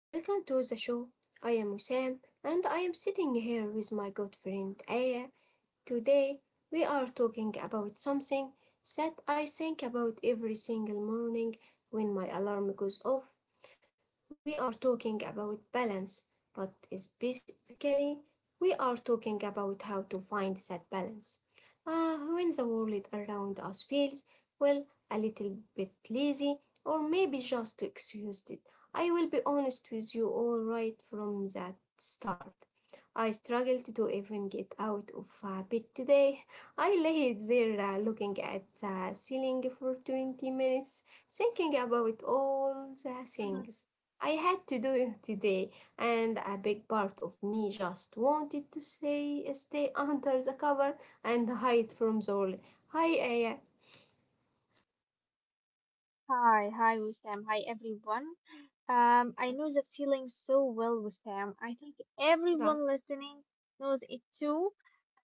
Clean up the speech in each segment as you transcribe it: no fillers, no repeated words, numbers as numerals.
Welcome to the show. I am Wissam and I am sitting here with my good friend Aya. Today we are talking about something that I think about every single morning when my alarm goes off. We are talking about balance, but specifically, we are talking about how to find that balance. When the world around us feels, well, a little bit lazy, or maybe just exhausted. I will be honest with you all right from that start. I struggled to even get out of bed today. I lay there looking at the ceiling for 20 minutes, thinking about all the Mhm. things I had to do it today, and a big part of me just wanted to stay under the cover and hide from the world. Hi, Aya. Hi, hi, Wissam. Hi, everyone. I Yeah, know that feeling so well, Wissam. I think right. everyone listening knows it too.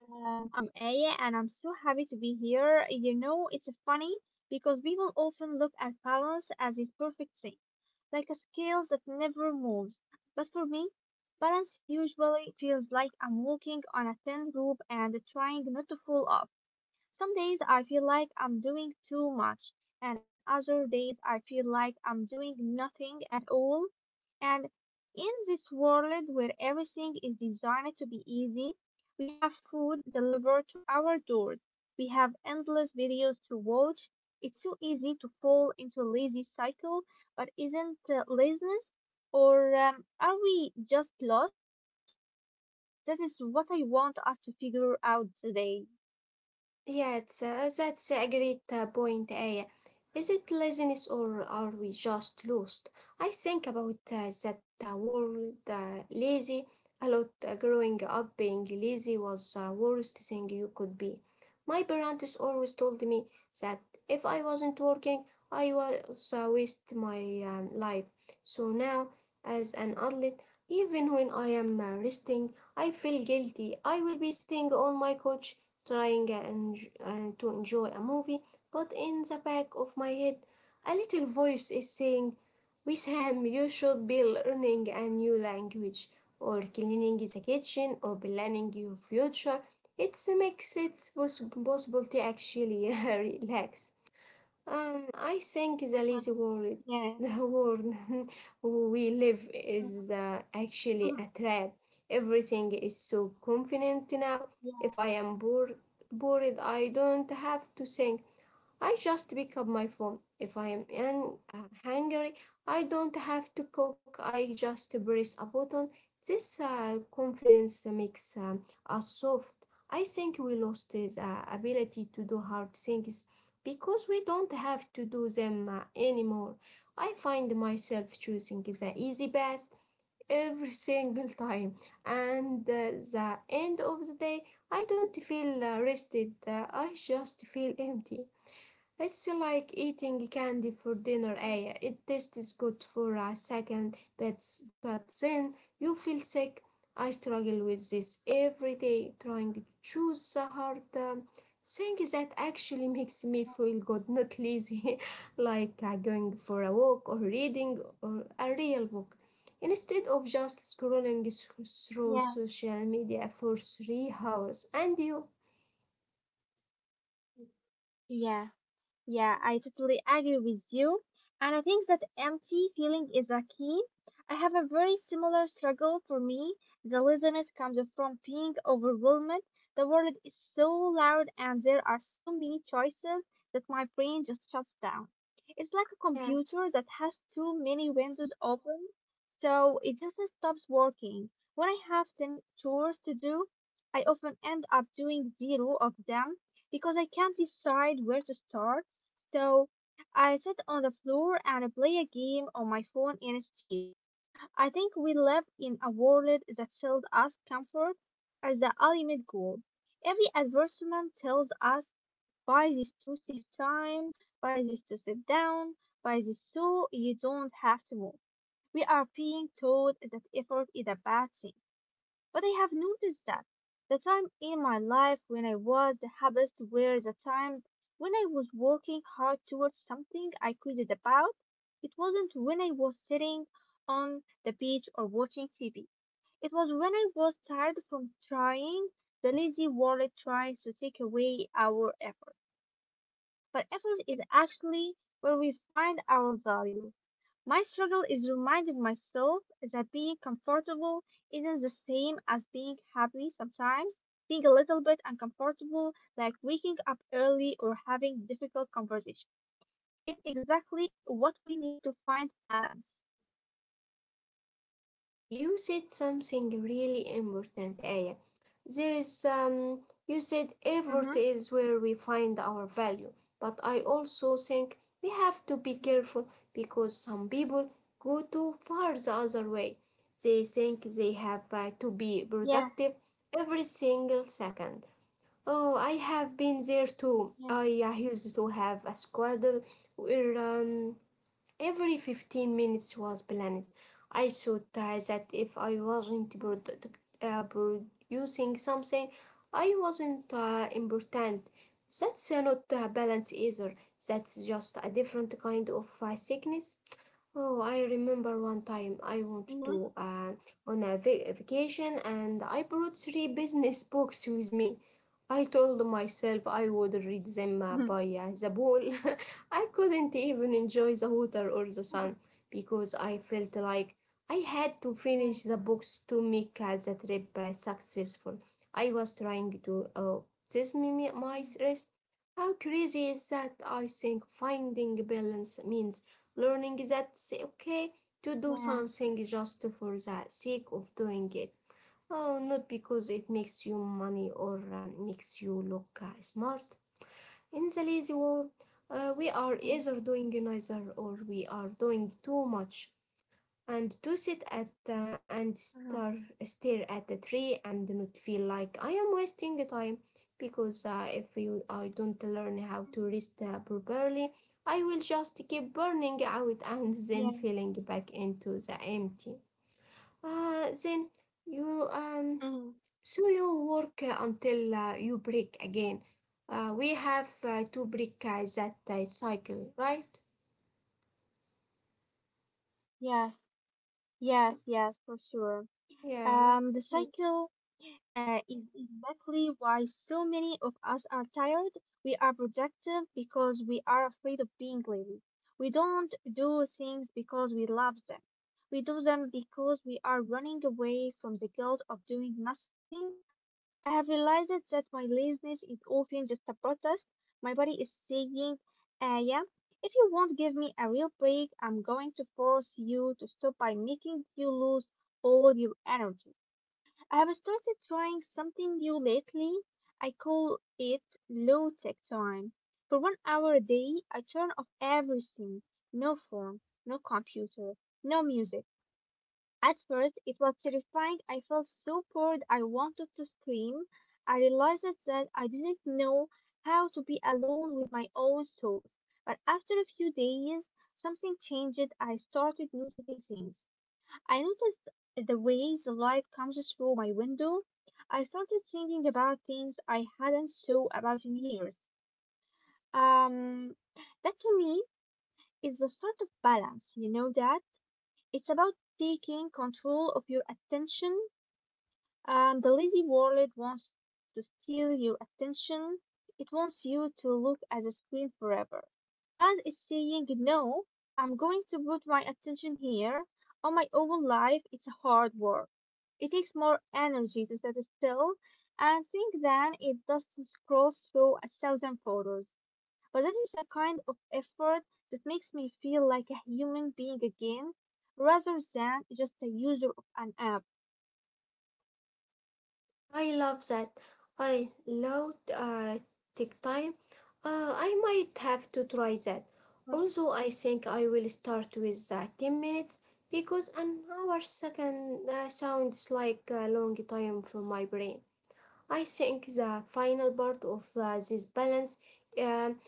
I'm Aya, and I'm so happy to be here. You know, it's funny because people often look at balance as this perfect thing, like a scale that never moves. But for me, balance usually feels like I'm walking on a thin rope and trying not to fall off. Some days I feel like I'm doing too much, and other days I feel like I'm doing nothing at all. And in this world where everything is designed to be easy, we have food delivered to our doors, we have endless videos to watch. It's so easy to fall into a lazy cycle, but isn't laziness? Or are we just lost? That is what I want us to figure out today. Yeah, that's a great point, Aya. Is it laziness or are we just lost? I think about that word lazy a lot. Growing up, being lazy was the worst thing you could be. My parents always told me that if I wasn't working, I was waste my life. So now, as an adult, even when I am resting, I feel guilty. I will be sitting on my couch trying and to enjoy a movie, but in the back of my head, a little voice is saying, Wisham, you should be learning a new language, or cleaning the kitchen, or planning your future. It makes it possible to actually relax. I think the lazy world, Yeah. the world we live is Mhm. actually a trap. Everything is so convenient now. Yeah. If I am bored, I don't have to think. I just pick up my phone. If I am hungry, I don't have to cook. I just press a button. This confidence makes us soft. I think we lost this ability to do hard things because we don't have to do them anymore. I find myself choosing the easy path every single time, and the end of the day, I don't feel rested. I just feel empty. It's like eating candy for Mm-hmm. dinner, Aya. It tastes good for a second, but then you feel sick. I struggle with this every day, trying to choose the hard thing that actually makes me feel good, not lazy, like going for a walk or reading or a real book. Instead of just through Yeah. social media for 3 hours, and you. Mm-hmm. Yeah. Yeah, I totally agree with you. And I think that empty feeling is a key. I have a very similar struggle for me. The laziness comes from being overwhelmed. The world is so loud and there are so many choices that my brain just shuts down. It's like a Yes. computer that has too many windows open, so it just stops working. When I have 10 chores to do, I often end up doing zero of them because I can't decide where to start. So I sit on the floor and play a game on my phone instead. I think we live in a world that sells us comfort as the ultimate goal. Every advertisement tells us, buy this to save time, buy this to sit down, buy this so you don't have to move. We are being told that effort is a bad thing. But I have noticed that the time in my life when I was the happiest were the times when I was working hard towards something I cared about. It wasn't when I was sitting on the beach or watching TV. It was when I was tired from trying. The lazy world tries to take away our effort. But effort is actually where we find our value. My struggle is reminding myself that being comfortable isn't the same as being happy sometimes. Being a little bit uncomfortable, like waking up early or having difficult conversation, is exactly what we need to find balance. You said something really important, Aya. There is you said effort Mm-hmm. is where we find our value, but I also think we have to be careful because some people go too far the other way. They think they have to be Yeah. productive every single second. Oh, I have been there too. I Yeah. uh, used to have a schedule where every 15 minutes was planned. I thought that if I wasn't Mm-hmm. Producing something, I wasn't important. That's not balance either. That's just a different kind of sickness. Oh, I remember one time I went Yeah. to vacation and I brought three business books with me. I told myself I would read them by the pool. I couldn't even enjoy the water or the sun because I felt like I had to finish the books to make the trip successful. I was trying to test my rest. How crazy is that? I think finding balance means learning that it's okay to do Yeah. something just for the sake of doing it. Oh, not because it makes you money or makes you look smart. In the lazy world, we are either doing neither or we are doing too much. And to sit at and star, Uh-huh. stare at the tree and not feel like I am wasting the time because if you, I don't learn how to rest properly, I will just keep burning out and then Yeah. falling back into the empty. Then you um you work until you break again. We have to break that cycle, right? Yes. Yes, yes, yes, for sure. Yeah, The mm. cycle is exactly why so many of us are tired. We are productive because we are afraid of being lazy. We don't do things because we love them. We do them because we are running away from the guilt of doing nothing. I have realized that my laziness is often just a protest. My body is saying, yeah, if you won't give me a real break, I'm going to force you to stop by making you lose all your energy. I've started trying something new lately. I call it low tech time. For one hour a day, I turn off everything. No phone, no computer, no music. At first, it was terrifying. I felt so bored I wanted to scream. I realized that I didn't know how to be alone with my own thoughts. But after a few days, something changed. I started noticing things. I noticed the way the light comes through my window. I started thinking about things I hadn't thought about in years. Um, that to me is the start of balance. You know that? It's about taking control of your attention. The lazy world wants to steal your attention. It wants you to look at the screen forever. Balance is saying, no, I'm going to put my attention here on my own life. It's hard work. It takes more energy to sit still and think than it does to scroll through a thousand photos. But that is the kind of effort that makes me feel like a human being again rather than just a user of an app. I love that. I love take time. I might have to try that. Mm. Also, I think I will start with 10 minutes because an hour second sounds like a long time for my brain. I think the final part of this balance um.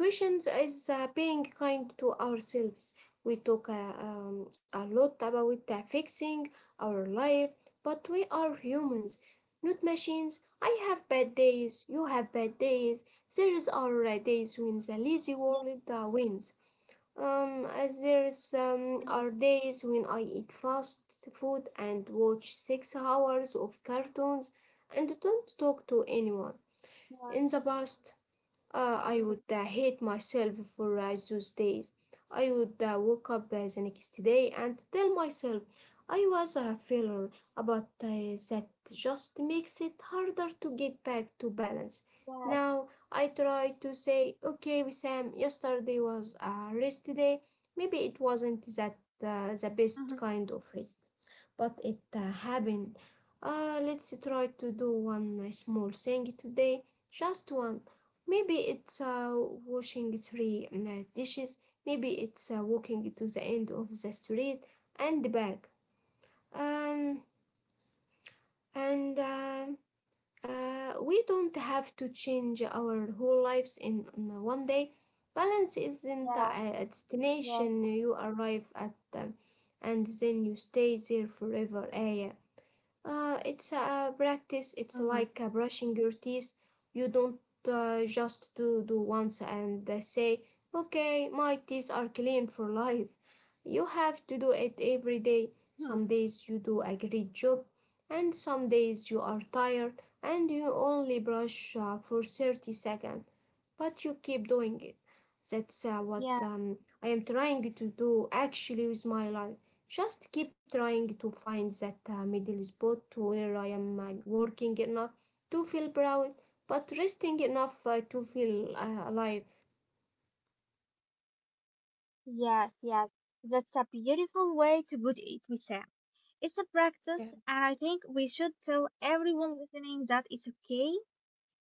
Questions is being kind to ourselves. We talk a lot about fixing our life, but we are humans, not machines. I have bad days, you have bad days. There is our days when the lazy Yes. world wins. As there is are Mhm. days when I eat fast food and watch 6 hours of cartoons and don't talk to anyone. In the past, I would Yeah. Mm. Hate myself for those days. I would wake up the next day and tell myself I was a failure, but that just makes it harder to get back to balance. Yes. Now I try to say, okay, Wissam, yesterday was a rest day. Maybe it wasn't that the best Mhm. kind of rest, but it happened. Let's try to do one small thing today, just one. Maybe it's washing three dishes, maybe it's walking to the end of the street and back. Um, and We don't have to change our whole lives in one day. Balance isn't Yeah. A Yes. destination you arrive at and then you stay there forever, Aya. It's a practice. It's Mhm. like brushing your teeth. You don't just do once and say, "Okay, my teeth are clean for life." You have to do it every day. Hmm. Some days you do a great job, and some days you are tired and you only brush for 30 seconds, but you keep doing it. That's uh, Yeah. what um, I am trying to do actually with my life. Just keep trying to find that middle spot where I am working enough to feel proud, but resting enough to feel alive. Yes, yes, that's a beautiful way to put it, Wissam. It's a practice, and I think we should tell everyone listening that it's okay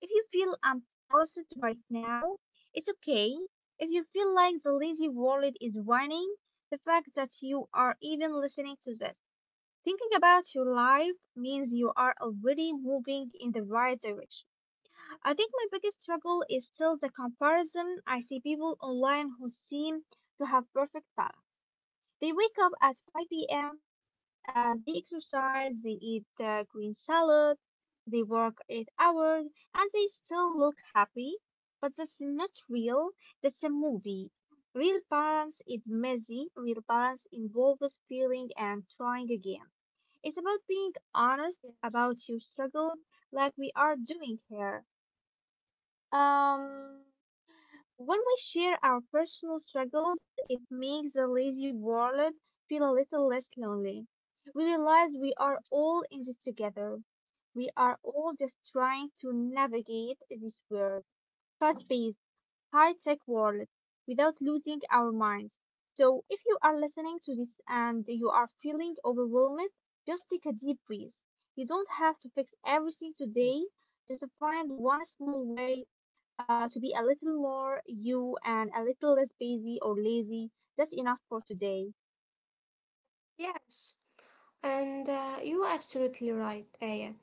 if you feel unbalanced right now. It's okay if you feel like the lazy world is whining. The fact that you are even listening to this, thinking about your life, means you are already moving in the right direction. I think my biggest struggle is still the comparison. I see people online who seem to have perfect lives. They wake up at 5 p.m., they exercise, they eat green salad, they work 8 hours, and they still look happy. But that's not real, that's a movie. Real balance is messy, real balance involves feeling and trying again. It's about being honest Yes. about your struggles, like we are doing here. Um, when we share our personal struggles, it makes the lazy world feel a little less lonely. We realize we are all in this together. We are all just trying to navigate this world, fast-paced, high-tech world, without losing our minds. So, if you are listening to this and you are feeling overwhelmed, just take a deep breath. You don't have to fix everything today. Just find one small way to be a little more you and a little less busy or lazy. That's enough for today. Yes. And you're absolutely right, Aya.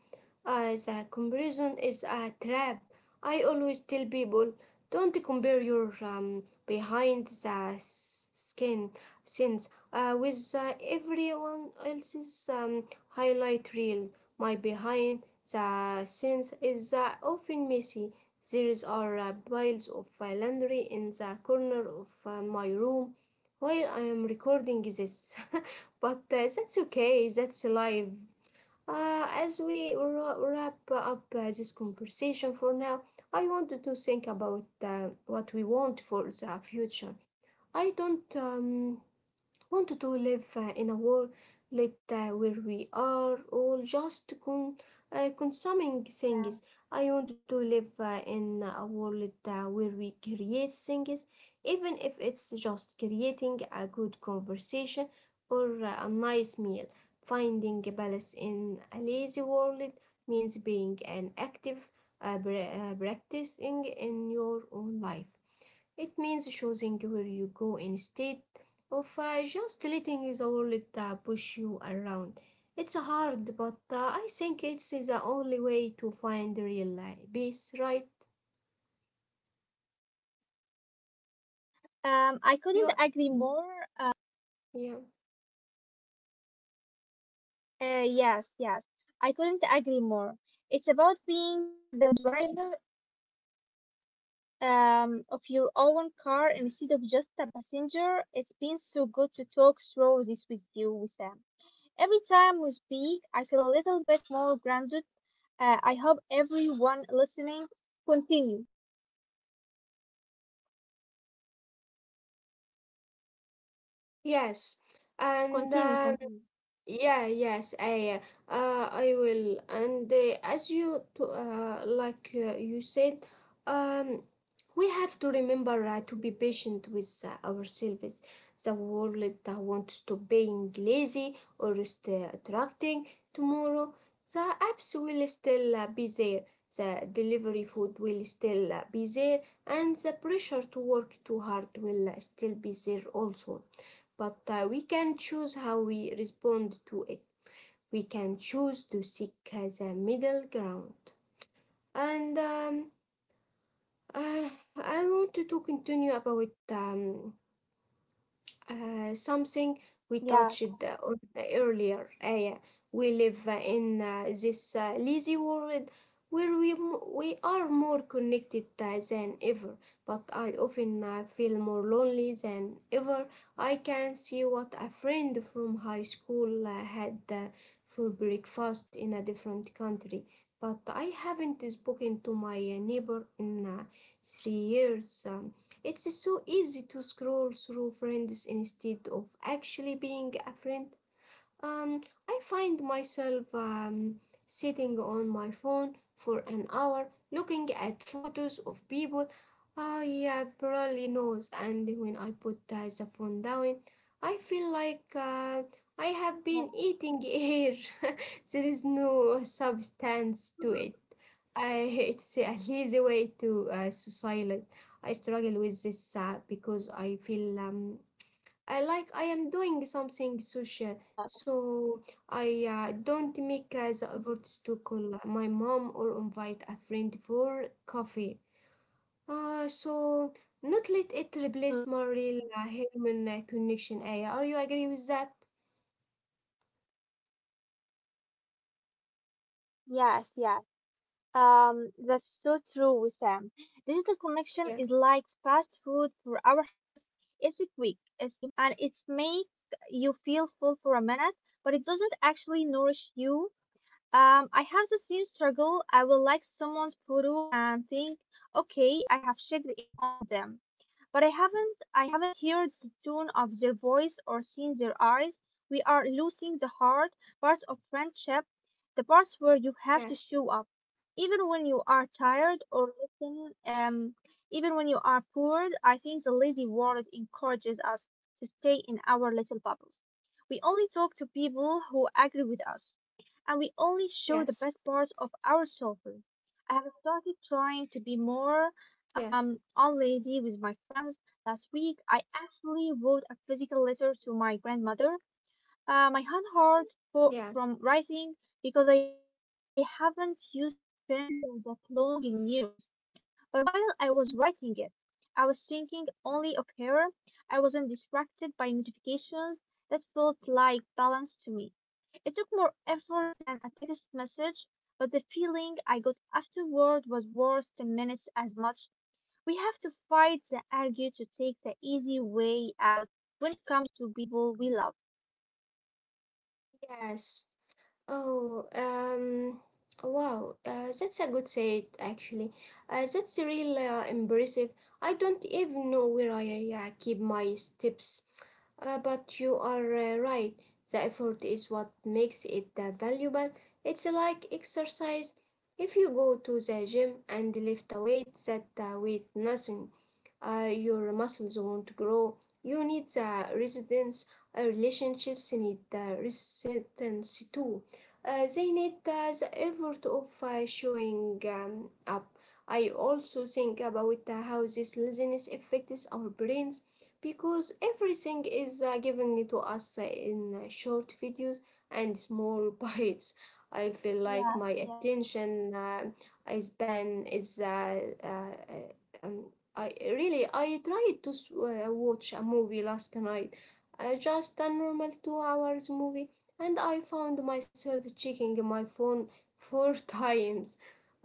The comparison is a trap. I always tell people don't compare your skin scenes with everyone else's highlight reel. My behind the scenes is often messy. There is are piles of laundry in the corner of my room while I am recording this. But that's okay, that's life. Wrap up this conversation for now, I wanted to think about what we want for the future. I don't. Want to live in a world where we are all just consuming Yeah. things. I want to live in a world where we create things, even if it's just creating a good conversation or a nice meal. Finding a balance in a lazy world means being an active practicing in your own life. It means choosing where you go instead of just letting the world push you around. It's hard, but I think it's the only way to find real peace, right? I couldn't You, agree more. yeah. Yes, yes, I couldn't agree more. It's about being the driver of your own car instead of just a passenger. It's been so good to talk through this with you, Wissam. Every time we speak, I feel a little bit more grounded. I hope everyone listening continue, Yes. And continue, continue. Yeah, yes, I will. And as you to, like you said, um, we have to remember to be patient with ourselves. The world wants to being lazy or stay attracting tomorrow. The apps will still be there. The delivery food will still be there, and the pressure to work too hard will still be there also, but we can choose how we respond to it. We can choose to seek the middle ground. And uh, I want to continue about something we touched on Yeah. earlier. Yeah. We live in this lazy world where we are more connected than ever, but I often feel more lonely than ever. I can see what a friend from high school had for breakfast in a different country. But I haven't spoken to my neighbor in 3 years. It's so easy to scroll through friends instead of actually being a friend. Um, I find myself sitting on my phone for an hour looking at photos of people I barely knows, and when I put the phone down, I feel like Yeah. I have been eating air. Yeah. There is no substance to it. It's Mhm. a lazy way to suicide. I struggle with this because I feel I like I am doing something social, so Yeah. I don't make the effort to call my Mhm. mom or invite a friend for coffee. So not let it replace my real Mhm. human connection. Aya, are you agree with that? Yes, yes. That's so true, Sam. Digital Yeah. connection is like fast food for our hearts. It's quick, it's cheap, and it makes you feel full for a minute, but it doesn't actually nourish you. I have the same struggle. I will like someone's photo and think, okay, I have checked in on them, but I haven't. I haven't heard the tone of their voice or seen their eyes. We are losing the hard parts of friendship, the parts where you have Yes. to show up, even when you are tired or listen. Even when you are bored. I think the lazy world encourages us to stay in our little bubbles. We only talk to people who Yes. agree with us and we only show the best parts of ourselves. I have started trying to Yes. be more unlazy with my friends. Last week, I actually wrote a physical letter to my grandmother. My hand Yeah. hurt from writing because I haven't used a pen for that long in years. But while I was writing it, I was thinking only of her. I wasn't distracted by notifications that felt like balance to me. It took more effort than a text message, but the feeling I got afterward was worth 10 minutes as much. We have to fight and argue to take the easy way out when it comes to people we love. Yes. Oh, wow, that's a good said actually. That's really impressive. I don't even know where I keep my steps. But you are right. The effort is what makes it valuable. It's like exercise. If you go to the gym and lift a weight that weight nothing, your muscles won't grow. You need the resistance. Relationships need the resistance too. They need the effort of showing up. I also think about how this laziness affects our brains because everything is given to us in short videos and small bites. I feel like my Yes, yes. attention span is. Um, I really I tried to watch a movie last night, just a normal 2 hours movie, and I found myself checking my phone four times.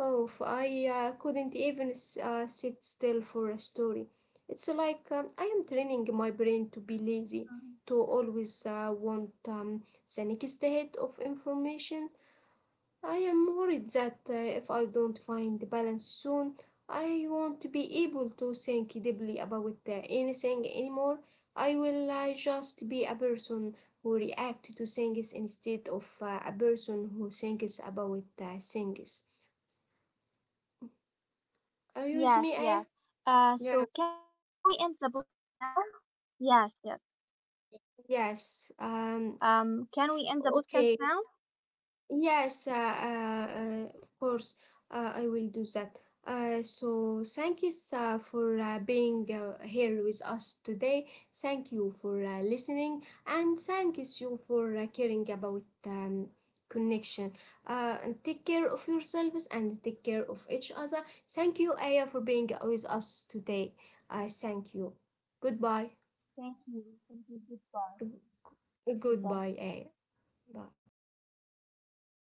Oh, I couldn't even sit still for a story. It's like I am training my brain to be lazy, Um, to always want the next hit of information. I am worried that if I don't find the balance soon, I won't be able to think deeply about anything anymore. I will just be a person who reacts to things instead of a person who thinks about things. Are you with Yes, me, Aya? yes. Yeah. So can we end the podcast now? Yes, yes. Yes. Can we end the podcast now? Okay. Yes, of course, I will do that. So thank you for being here with us today. Thank you for listening, and thank you for caring about connection. And take care of yourselves and take care of each other. Thank you, Aya, for being with us today. I thank you. Goodbye. Thank you. Thank you. Goodbye. Goodbye. Goodbye, Aya. Bye.